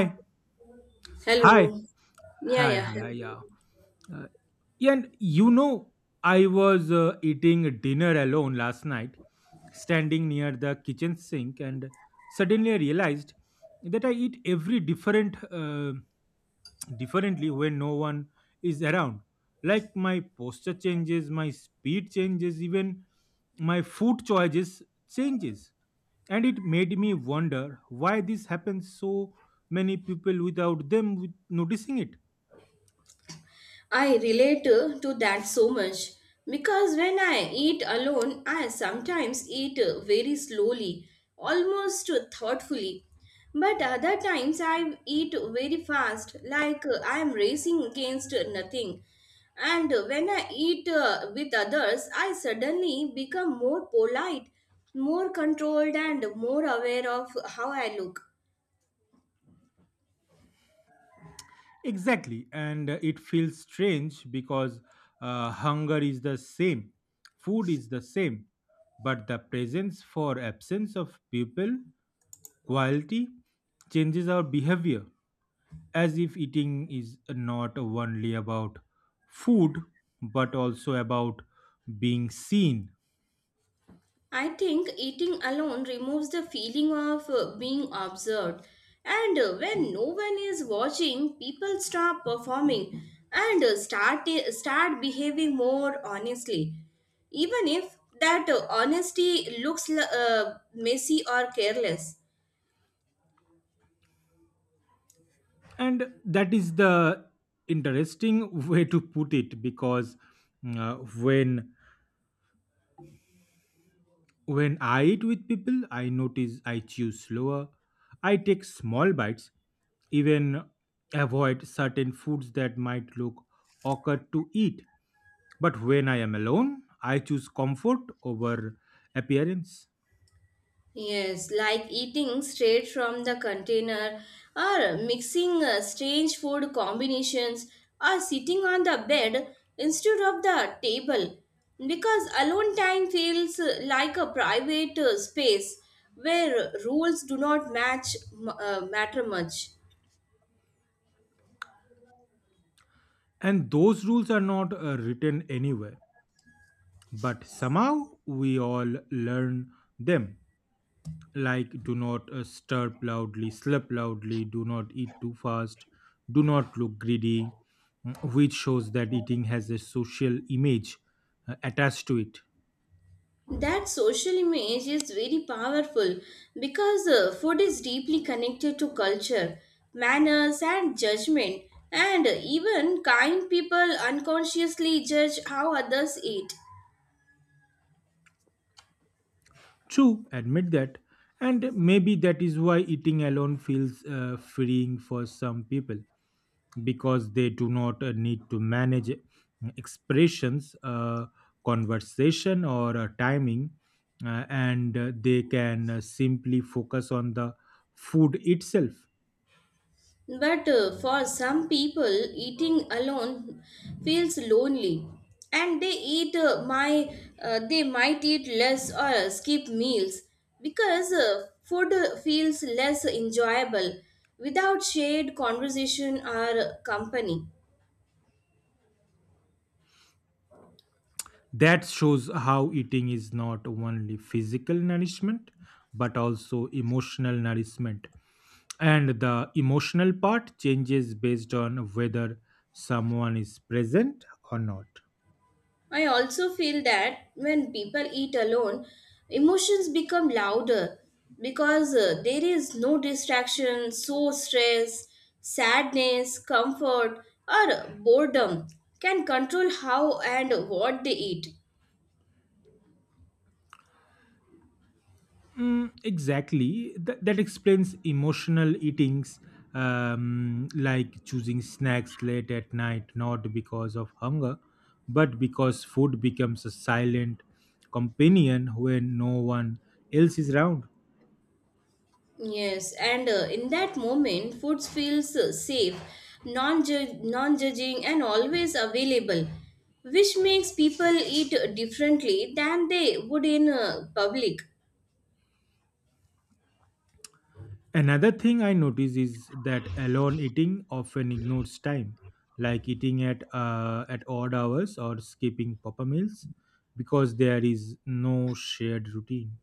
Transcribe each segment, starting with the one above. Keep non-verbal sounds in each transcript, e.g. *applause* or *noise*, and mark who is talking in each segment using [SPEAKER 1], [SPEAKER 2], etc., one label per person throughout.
[SPEAKER 1] Hi. Hi.
[SPEAKER 2] Hello. Yeah,
[SPEAKER 1] Hi.
[SPEAKER 2] yeah,
[SPEAKER 1] Hi.
[SPEAKER 2] hello.
[SPEAKER 1] Yeah. Uh, yeah, I was eating dinner alone last night, standing near the kitchen sink, and suddenly I realized that I eat every different differently when no one is around. Like my posture changes, my speed changes, even my food choices changes, and it made me wonder why this happens so many people without noticing it.
[SPEAKER 2] I relate to that so much because when I eat alone, I sometimes eat very slowly, almost thoughtfully. But other times I eat very fast, like I am racing against nothing. And when I eat with others, I suddenly become more polite, more controlled, and more aware of how I look.
[SPEAKER 1] Exactly, and it feels strange because hunger is the same, food is the same, but the presence for absence of people, quality, changes our behavior as if eating is not only about food but also about being seen.
[SPEAKER 2] I think eating alone removes the feeling of being observed. And when no one is watching, people stop performing and start behaving more honestly. Even if that honesty looks messy or careless.
[SPEAKER 1] And that is the interesting *laughs* way to put it because uh, when When I eat with people, I notice I chew slower. I take small bites, even avoid certain foods that might look awkward to eat. But when I am alone, I choose comfort over appearance.
[SPEAKER 2] Yes, like eating straight from the container or mixing strange food combinations or sitting on the bed instead of the table because alone time feels like a private space where rules do not matter much.
[SPEAKER 1] And those rules are not written anywhere, but somehow we all learn them. Like do not stir loudly, slurp loudly, do not eat too fast, do not look greedy, which shows that eating has a social image attached to it.
[SPEAKER 2] That social image is very powerful because food is deeply connected to culture, manners, and judgment, and even kind people unconsciously judge how others eat.
[SPEAKER 1] True, admit that. And maybe that is why eating alone feels freeing for some people, because they do not need to manage expressions, conversation, or timing, and they can simply focus on the food itself.
[SPEAKER 2] But for some people, eating alone feels lonely, and they might eat less or skip meals because food feels less enjoyable without shared conversation or company.
[SPEAKER 1] That shows how eating is not only physical nourishment but also emotional nourishment. And the emotional part changes based on whether someone is present or not.
[SPEAKER 2] I also feel that when people eat alone, emotions become louder because there is no distraction, so stress, sadness, comfort, or boredom can control how and what they eat.
[SPEAKER 1] Mm, exactly. That explains emotional eatings, like choosing snacks late at night, not because of hunger, but because food becomes a silent companion when no one else is around.
[SPEAKER 2] Yes, and in that moment, food feels safe, non non judging, and always available, which makes people eat differently than they would in public.
[SPEAKER 1] Another thing I notice is that alone eating often ignores time, like eating at odd hours or skipping proper meals, because there is no shared routine.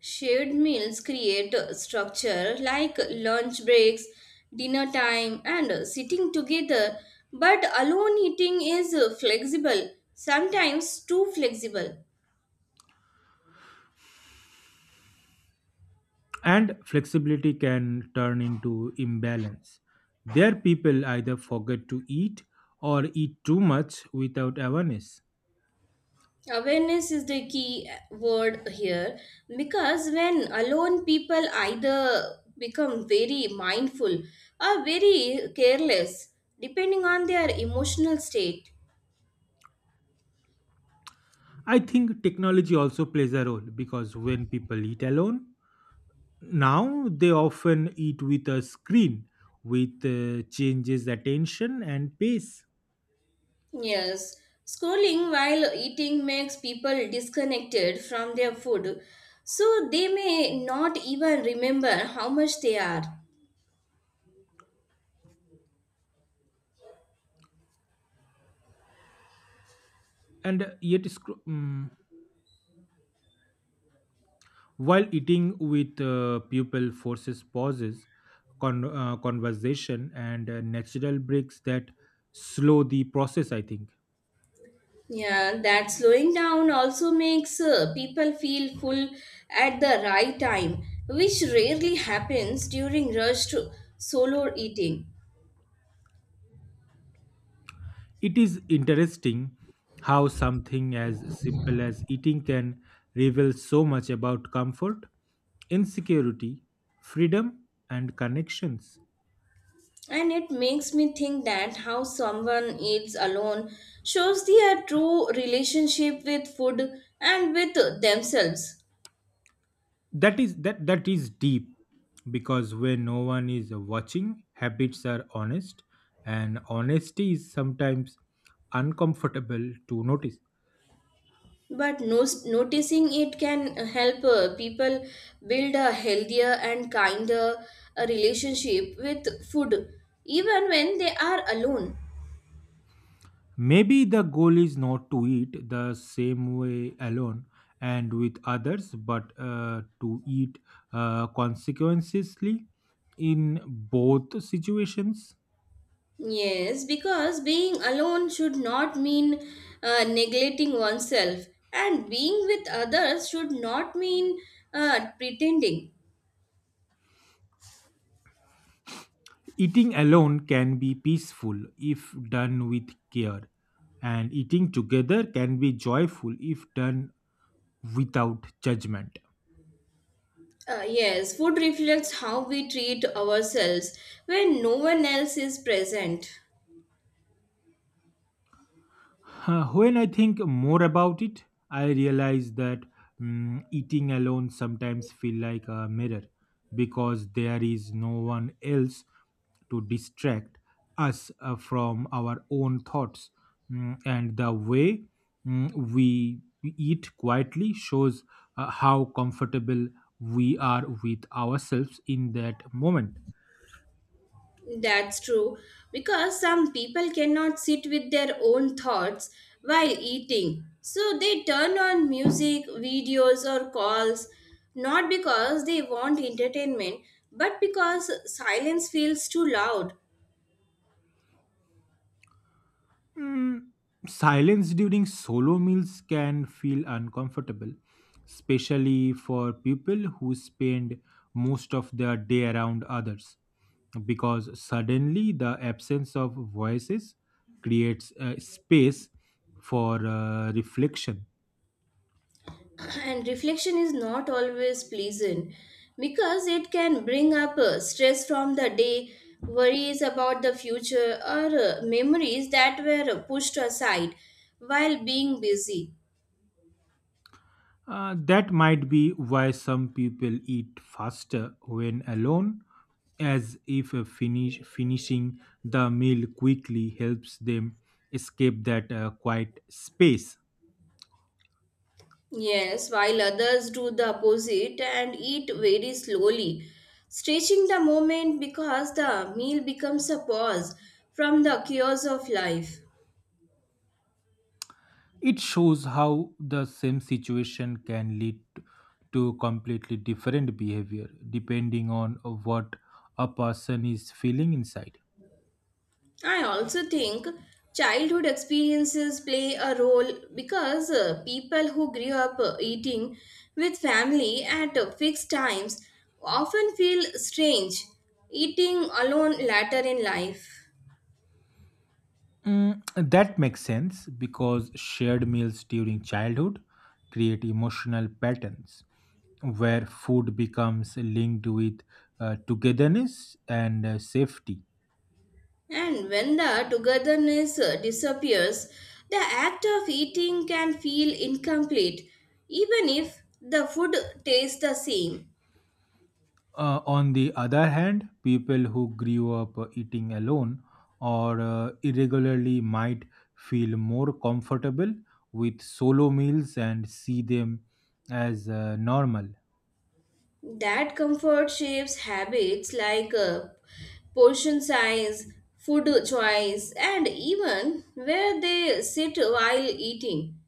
[SPEAKER 2] Shared meals create a structure like lunch breaks, dinner time, and sitting together, but alone eating is flexible, sometimes too flexible.
[SPEAKER 1] And flexibility can turn into imbalance. There, people either forget to eat or eat too much without awareness.
[SPEAKER 2] Awareness is the key word here because when alone people either become very mindful or very careless, depending on their emotional state.
[SPEAKER 1] I think technology also plays a role because when people eat alone, now they often eat with a screen, with changes attention and pace.
[SPEAKER 2] Yes, scrolling while eating makes people disconnected from their food, so they may not even remember how much they are.
[SPEAKER 1] And yet, while eating with people forces pauses, conversation, and natural breaks that slow the process, I think.
[SPEAKER 2] Yeah, that slowing down also makes people feel full at the right time, which rarely happens during rushed solo eating.
[SPEAKER 1] It is interesting how something as simple as eating can reveal so much about comfort, insecurity, freedom, and connections.
[SPEAKER 2] And it makes me think that how someone eats alone shows their true relationship with food and with themselves.
[SPEAKER 1] That that is deep because when no one is watching, habits are honest, and honesty is sometimes uncomfortable to notice.
[SPEAKER 2] But noticing it can help people build a healthier and kinder relationship with food, even when they are alone.
[SPEAKER 1] Maybe the goal is not to eat the same way alone and with others, but to eat consequently in both situations.
[SPEAKER 2] Yes, because being alone should not mean neglecting oneself, and being with others should not mean pretending.
[SPEAKER 1] Eating alone can be peaceful if done with care, and eating together can be joyful if done without judgment.
[SPEAKER 2] Yes, food reflects how we treat ourselves when no one else is present.
[SPEAKER 1] When I think more about it, I realize that, eating alone sometimes feel like a mirror because there is no one else to distract us from our own thoughts. And the way, we eat quietly shows how comfortable we are with ourselves in that moment.
[SPEAKER 2] That's true, because some people cannot sit with their own thoughts while eating. So they turn on music, videos, or calls, not because they want entertainment, but because silence feels too loud.
[SPEAKER 1] Mm, Silence during solo meals can feel uncomfortable, especially for people who spend most of their day around others, because suddenly the absence of voices creates a space for reflection.
[SPEAKER 2] *clears throat* And reflection is not always pleasant because it can bring up stress from the day, worries about the future, or memories that were pushed aside while being busy.
[SPEAKER 1] That might be why some people eat faster when alone, as if finishing the meal quickly helps them escape that quiet space.
[SPEAKER 2] Yes, while others do the opposite and eat very slowly, stretching the moment because the meal becomes a pause from the chaos of life.
[SPEAKER 1] It shows how the same situation can lead to completely different behavior depending on what a person is feeling inside.
[SPEAKER 2] I also think childhood experiences play a role because people who grew up eating with family at fixed times often feel strange eating alone later in life.
[SPEAKER 1] Mm, that makes sense because shared meals during childhood create emotional patterns where food becomes linked with togetherness and safety.
[SPEAKER 2] And when the togetherness disappears, the act of eating can feel incomplete, even if the food tastes the same.
[SPEAKER 1] On the other hand, people who grew up eating alone or irregularly might feel more comfortable with solo meals and see them as normal.
[SPEAKER 2] That comfort shapes habits like portion size, food choice, and even where they sit while eating.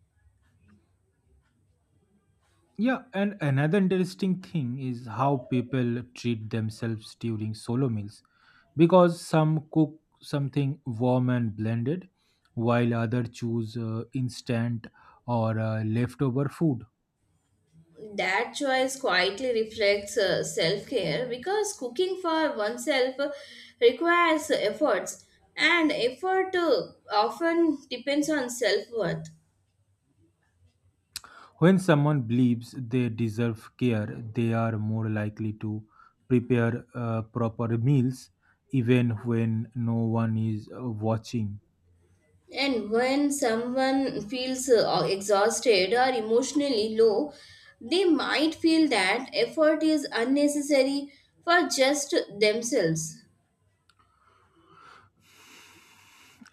[SPEAKER 1] Yeah, and another interesting thing is how people treat themselves during solo meals because some cook something warm and blended while others choose instant or leftover food.
[SPEAKER 2] That choice quietly reflects self-care because cooking for oneself requires efforts and effort often depends on self-worth.
[SPEAKER 1] When someone believes they deserve care, they are more likely to prepare proper meals even when no one is watching.
[SPEAKER 2] And when someone feels exhausted or emotionally low, they might feel that effort is unnecessary for just themselves.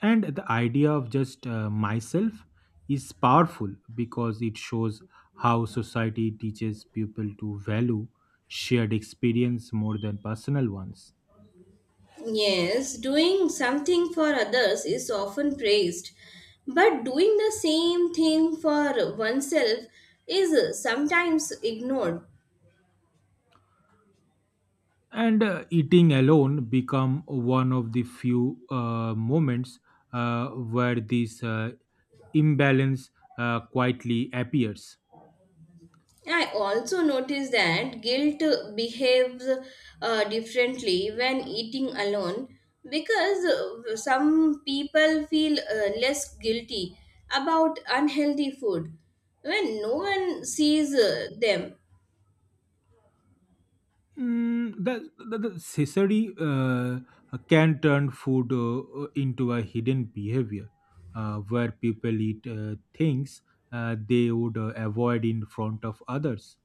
[SPEAKER 1] And the idea of just myself is powerful because it shows how society teaches people to value shared experience more than personal ones.
[SPEAKER 2] Yes, doing something for others is often praised, but doing the same thing for oneself is sometimes ignored.
[SPEAKER 1] And eating alone become one of the few moments where this imbalance quietly appears.
[SPEAKER 2] I also notice that guilt behaves differently when eating alone because some people feel less guilty about unhealthy food when no one sees them.
[SPEAKER 1] The Caesari can turn food into a hidden behavior where people eat things they would avoid in front of others,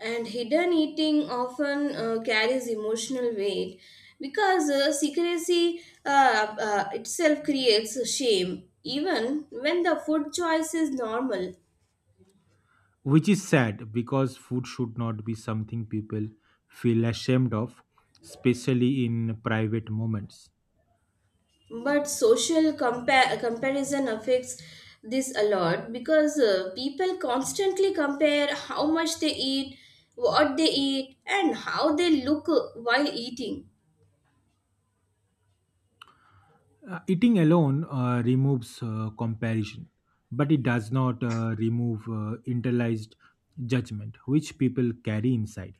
[SPEAKER 2] And hidden eating often carries emotional weight because secrecy itself creates shame, even when the food choice is normal.
[SPEAKER 1] which is sad because food should not be something people feel ashamed of, especially in private moments.
[SPEAKER 2] But social comparison affects this a lot because people constantly compare how much they eat, what they eat, and how they look while eating.
[SPEAKER 1] Eating alone removes comparison, but it does not remove internalized judgment, which people carry inside.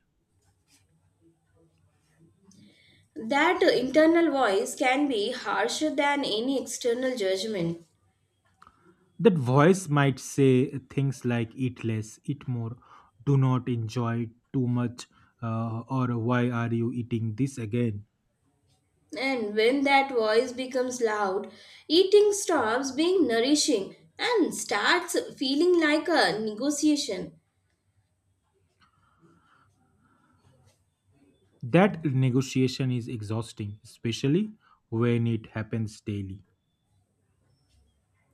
[SPEAKER 2] That internal voice can be harsher than any external judgment.
[SPEAKER 1] That voice might say things like eat less, eat more, do not enjoy too much, or why are you eating this again?
[SPEAKER 2] And when that voice becomes loud, eating stops being nourishing and starts feeling like a negotiation,
[SPEAKER 1] That negotiation is exhausting, especially when it happens daily.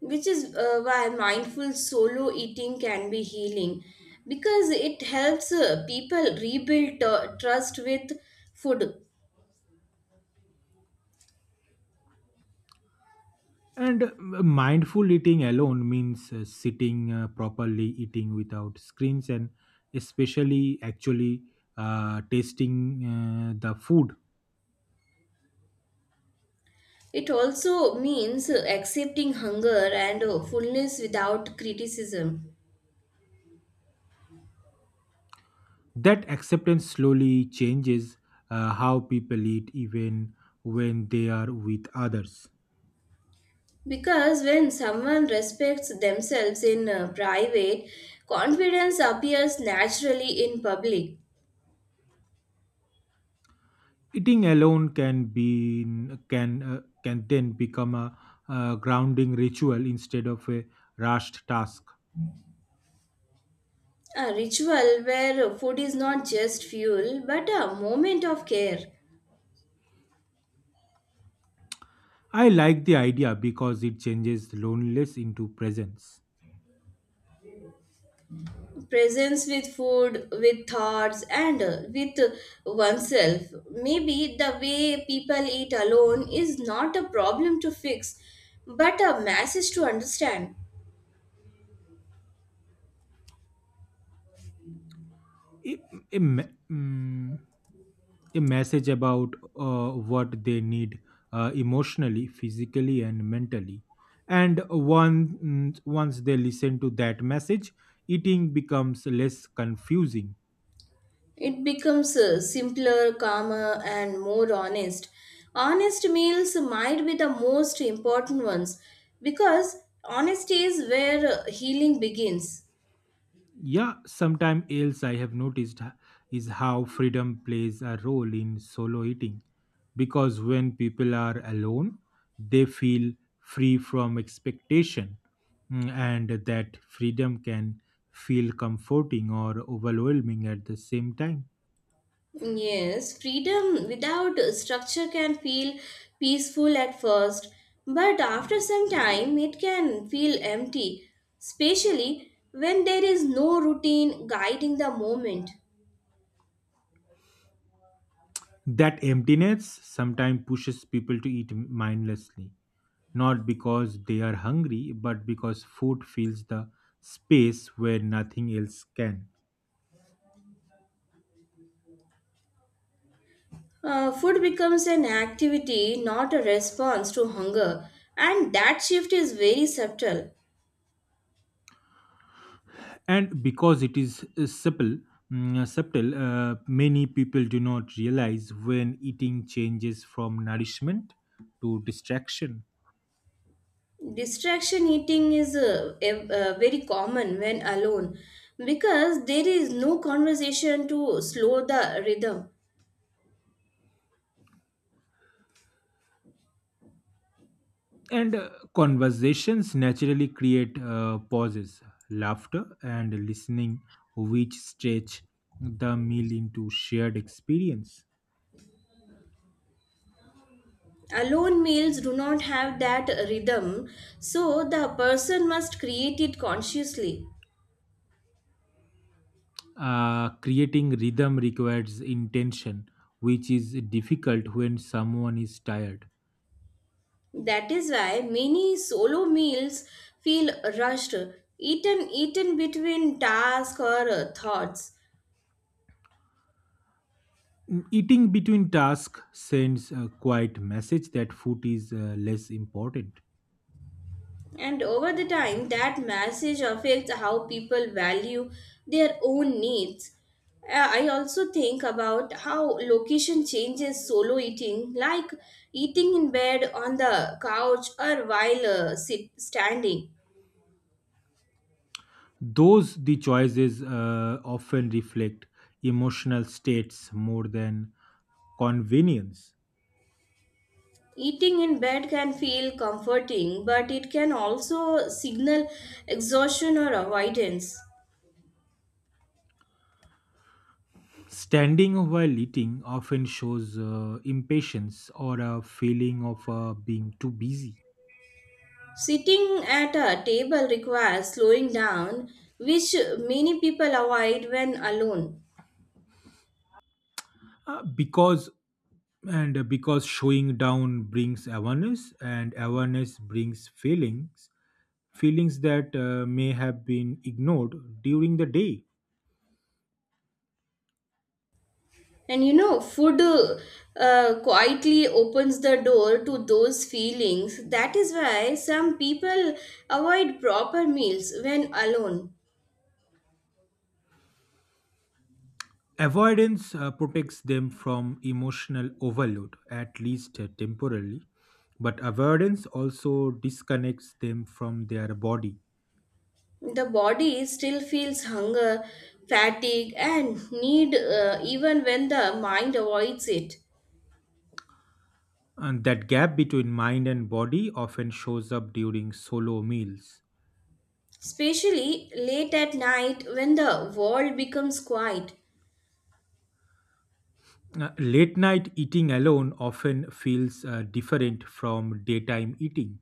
[SPEAKER 2] which is why mindful solo eating can be healing because it helps people rebuild trust with food.
[SPEAKER 1] And mindful eating alone means sitting properly, eating without screens, and especially actually tasting the food.
[SPEAKER 2] It also means accepting hunger and fullness without criticism.
[SPEAKER 1] That acceptance slowly changes how people eat even when they are with others.
[SPEAKER 2] Because when someone respects themselves in private, confidence appears naturally in public.
[SPEAKER 1] Eating alone can be, can then become a, grounding ritual instead of a rushed task.
[SPEAKER 2] A ritual where food is not just fuel but a moment of care.
[SPEAKER 1] I like the idea because it changes loneliness into presence.
[SPEAKER 2] Presence with food, with thoughts, and with oneself. Maybe the way people eat alone is not a problem to fix but a message to understand.
[SPEAKER 1] Im- im- mm, a message about what they need emotionally, physically, and mentally. And once they listen to that message, eating becomes less confusing.
[SPEAKER 2] It becomes simpler, calmer, and more honest. Honest meals might be the most important ones because honesty is where healing begins.
[SPEAKER 1] Yeah, sometime else I have noticed is how freedom plays a role in solo eating because when people are alone, they feel free from expectation, and that freedom can feel comforting or overwhelming at the same time.
[SPEAKER 2] Yes, freedom without structure can feel peaceful at first, but after some time it can feel empty, especially when there is no routine guiding the moment.
[SPEAKER 1] That emptiness sometimes pushes people to eat mindlessly, not because they are hungry, but because food fills the space where nothing else can.
[SPEAKER 2] Food becomes an activity, not a response to hunger, and that shift is very subtle.
[SPEAKER 1] And because it is subtle, many people do not realize when eating changes from nourishment to distraction.
[SPEAKER 2] Distraction eating is very common when alone because there is no conversation to slow the rhythm.
[SPEAKER 1] And conversations naturally create pauses, laughter, and listening, which stretch the meal into shared experience.
[SPEAKER 2] Alone meals do not have that rhythm, so the person must create it consciously.
[SPEAKER 1] Creating rhythm requires intention, which is difficult when someone is tired.
[SPEAKER 2] That is why many solo meals feel rushed, eaten between tasks or thoughts.
[SPEAKER 1] Eating between tasks sends a quiet message that food is less important.
[SPEAKER 2] And over the time, that message affects how people value their own needs. I also think about how location changes solo eating, like eating in bed, on the couch, or while standing.
[SPEAKER 1] Those the choices often reflect emotional states more than convenience.
[SPEAKER 2] Eating in bed can feel comforting, but it can also signal exhaustion or avoidance.
[SPEAKER 1] Standing while eating often shows impatience or a feeling of being too busy.
[SPEAKER 2] Sitting at a table requires slowing down, which many people avoid when alone.
[SPEAKER 1] Uh, because because showing down brings awareness and awareness brings feelings, feelings that may have been ignored during the day.
[SPEAKER 2] And food quietly opens the door to those feelings. That is why some people avoid proper meals when alone.
[SPEAKER 1] Avoidance protects them from emotional overload, at least temporarily, but avoidance also disconnects them from their body.
[SPEAKER 2] The body still feels hunger, fatigue, and need even when the mind avoids it.
[SPEAKER 1] And that gap between mind and body often shows up during solo meals.
[SPEAKER 2] Especially late at night when the world becomes quiet.
[SPEAKER 1] Late night eating alone often feels different from daytime eating.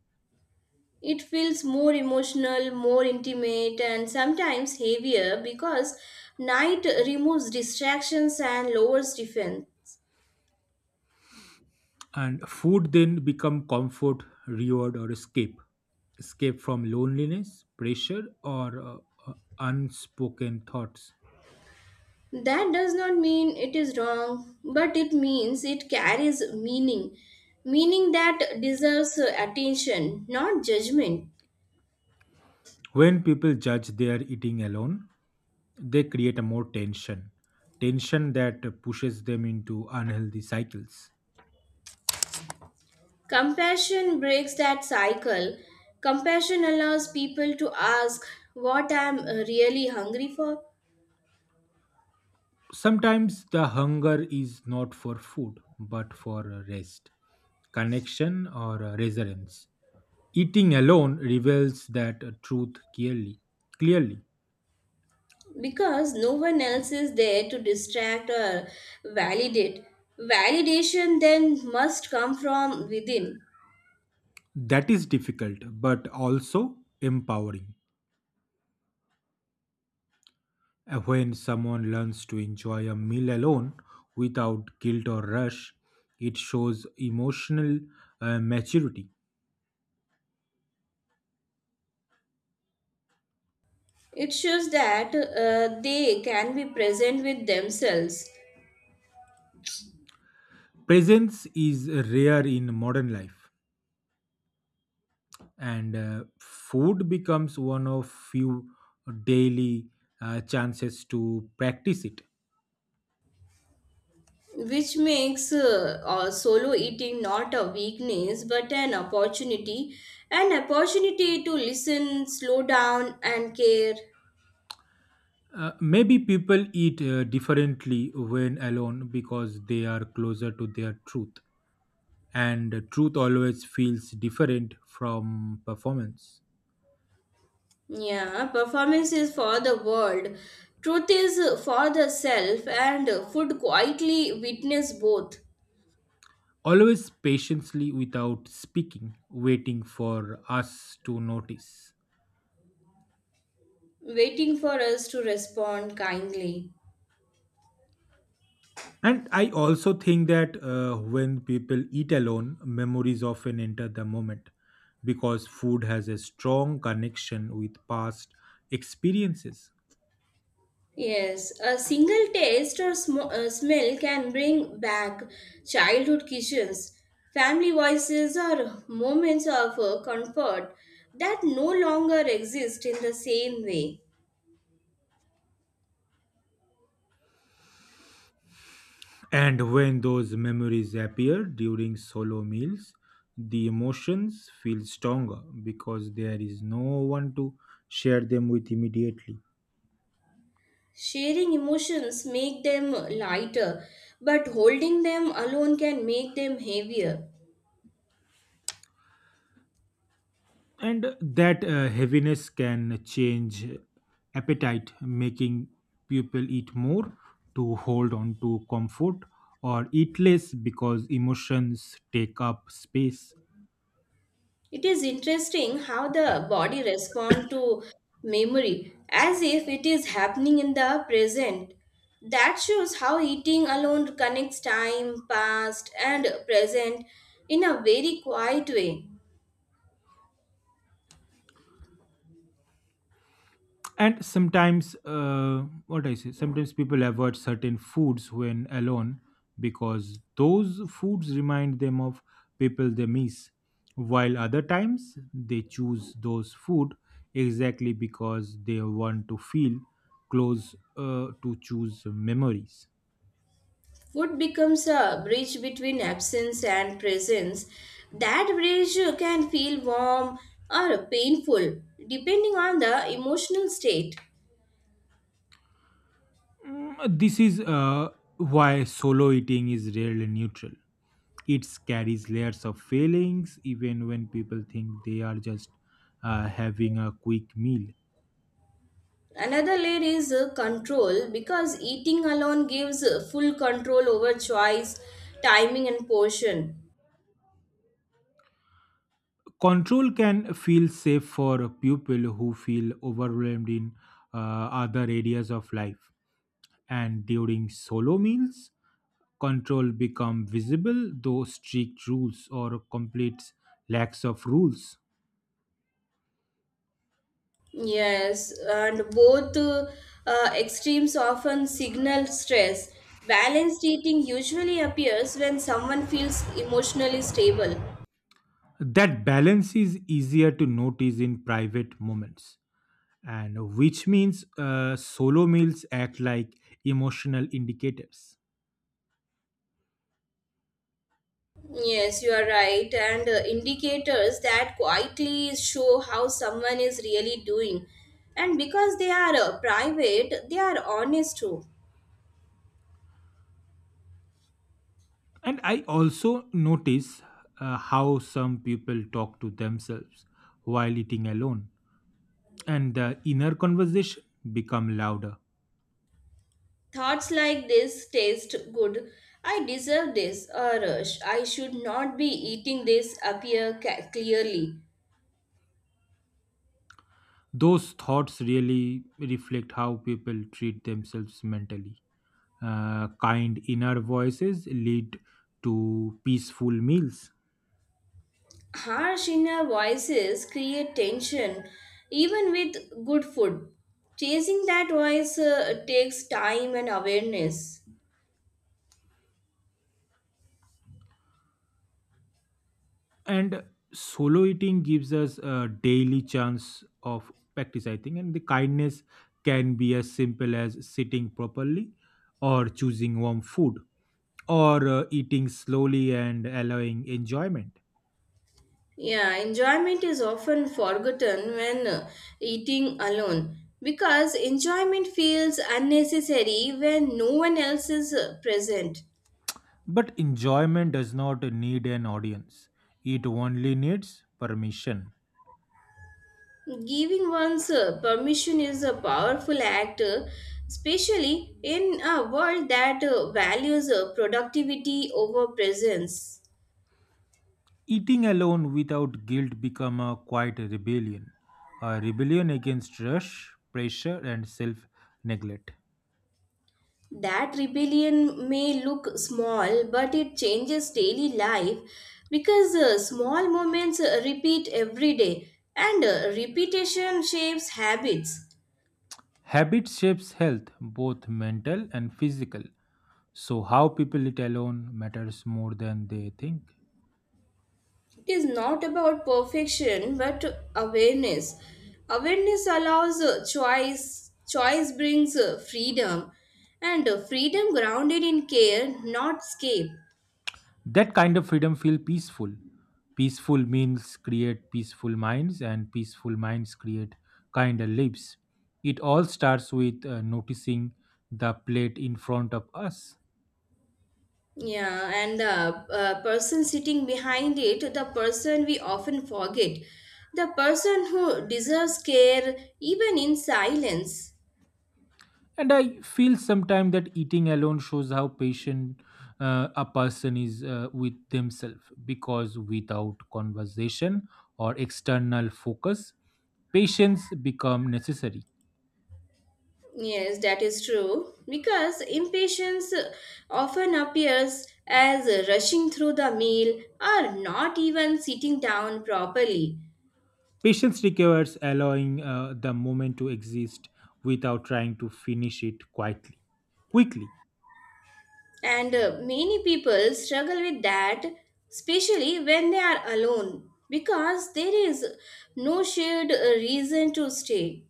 [SPEAKER 2] It feels more emotional, more intimate, and sometimes heavier because night removes distractions and lowers defense.
[SPEAKER 1] And food then become comfort, reward, or escape, escape from loneliness, pressure, or uh, unspoken thoughts.
[SPEAKER 2] That does not mean it is wrong, but it means it carries meaning, meaning that deserves attention, not judgment.
[SPEAKER 1] When people judge their eating alone, they create a more tension, tension that pushes them into unhealthy cycles.
[SPEAKER 2] Compassion breaks that cycle. Compassion allows people to ask what I'm really hungry for
[SPEAKER 1] Sometimes the hunger is not for food but for rest, connection, or resonance. Eating alone reveals that truth clearly.
[SPEAKER 2] because no one else is there to distract or validate. Validation then must come from within.
[SPEAKER 1] That is difficult, but also empowering. When someone learns to enjoy a meal alone without guilt or rush, it shows emotional maturity.
[SPEAKER 2] It shows that they can be present with themselves,
[SPEAKER 1] Presence is rare in modern life, and food becomes one of few daily chances to practice it.
[SPEAKER 2] which makes solo eating not a weakness but an opportunity, an opportunity to listen, slow down, and care.
[SPEAKER 1] Maybe people eat differently when alone because they are closer to their truth. And truth always feels different from performance.
[SPEAKER 2] Yeah, performance is for the world, truth is for the self, and food quietly witness both,
[SPEAKER 1] Always patiently without speaking, waiting for us to notice.
[SPEAKER 2] waiting for us to respond kindly.
[SPEAKER 1] And I also think that when people eat alone, memories often enter the moment because food has a strong connection with past experiences.
[SPEAKER 2] Yes, a single taste or smell can bring back childhood kitchens, family voices, or moments of comfort that no longer exist in the same way.
[SPEAKER 1] And when those memories appear during solo meals, the emotions feel stronger because there is no one to share them with immediately.
[SPEAKER 2] Sharing emotions make them lighter, but holding them alone can make them heavier.
[SPEAKER 1] And that heaviness can change appetite, making people eat more to hold on to comfort or eat less because emotions take up space.
[SPEAKER 2] It is interesting how the body responds to memory as if it is happening in the present. That shows how eating alone connects time, past, and present in a very quiet way.
[SPEAKER 1] And sometimes, what I say sometimes people avoid certain foods when alone because those foods remind them of people they miss, while other times they choose those food exactly because they want to feel close to choose memories.
[SPEAKER 2] Food becomes a bridge between absence and presence. That bridge can feel warm or painful depending on the emotional state.
[SPEAKER 1] This is why solo eating is rarely neutral. It carries layers of failings, even when people think they are just having a quick meal.
[SPEAKER 2] Another layer is control because eating alone gives full control over choice, timing, and portion.
[SPEAKER 1] Control can feel safe for people who feel overwhelmed in other areas of life. And during solo meals, control become visible, though strict rules or complete lacks of rules.
[SPEAKER 2] Yes, and both extremes often signal stress. Balanced eating usually appears when someone feels emotionally stable.
[SPEAKER 1] That balance is easier to notice in private moments. And which means solo meals act like emotional indicators.
[SPEAKER 2] Yes, you are right. And indicators that quietly show how someone is really doing. And because they are private, they are honest too.
[SPEAKER 1] And I also notice how some people talk to themselves while eating alone, and the inner conversation become louder.
[SPEAKER 2] Thoughts like this taste good. I deserve this, or I should not be eating this appear clearly.
[SPEAKER 1] Those thoughts really reflect how people treat themselves mentally. Kind inner voices lead to peaceful meals.
[SPEAKER 2] Harsh inner voices create tension, even with good food. Chasing that voice takes time and awareness.
[SPEAKER 1] And solo eating gives us a daily chance of practice, I think, and the kindness can be as simple as sitting properly, or choosing warm food, or eating slowly and allowing enjoyment.
[SPEAKER 2] Yeah, enjoyment is often forgotten when eating alone because enjoyment feels unnecessary when no one else is present.
[SPEAKER 1] But enjoyment does not need an audience, it only needs permission.
[SPEAKER 2] Giving one's permission is a powerful act, especially in a world that values productivity over presence.
[SPEAKER 1] Eating alone without guilt become a quiet rebellion, a rebellion against rush, pressure, and self neglect.
[SPEAKER 2] That rebellion may look small, but it changes daily life because small moments repeat every day and repetition shapes habits.
[SPEAKER 1] Habit shapes health, both mental and physical. So, how people eat alone matters more than they think.
[SPEAKER 2] It is not about perfection but awareness. Awareness allows choice, choice brings freedom, and freedom grounded in care, not escape.
[SPEAKER 1] That kind of freedom feels peaceful. Peaceful meals create peaceful minds, and peaceful minds create kinder lives. It all starts with noticing the plate in front of us.
[SPEAKER 2] Yeah, and the person sitting behind it, the person we often forget, the person who deserves care even in silence.
[SPEAKER 1] And I feel sometimes that eating alone shows how patient a person is with themselves because without conversation or external focus, patience become necessary.
[SPEAKER 2] Yes, that is true. Because impatience often appears as rushing through the meal or not even sitting down properly.
[SPEAKER 1] Patience requires allowing the moment to exist without trying to finish it quietly quickly.
[SPEAKER 2] And many people struggle with that, especially when they are alone, because there is no shared reason to stay.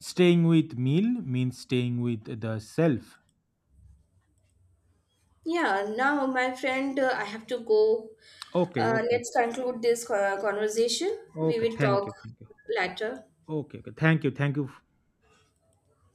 [SPEAKER 1] Staying with meal means staying with the self.
[SPEAKER 2] Yeah, now my friend, I have to go.
[SPEAKER 1] Okay, okay.
[SPEAKER 2] Let's conclude this conversation. We
[SPEAKER 1] Okay,
[SPEAKER 2] will
[SPEAKER 1] thank
[SPEAKER 2] talk
[SPEAKER 1] you, thank you.
[SPEAKER 2] later.
[SPEAKER 1] Okay, okay, thank you, thank you.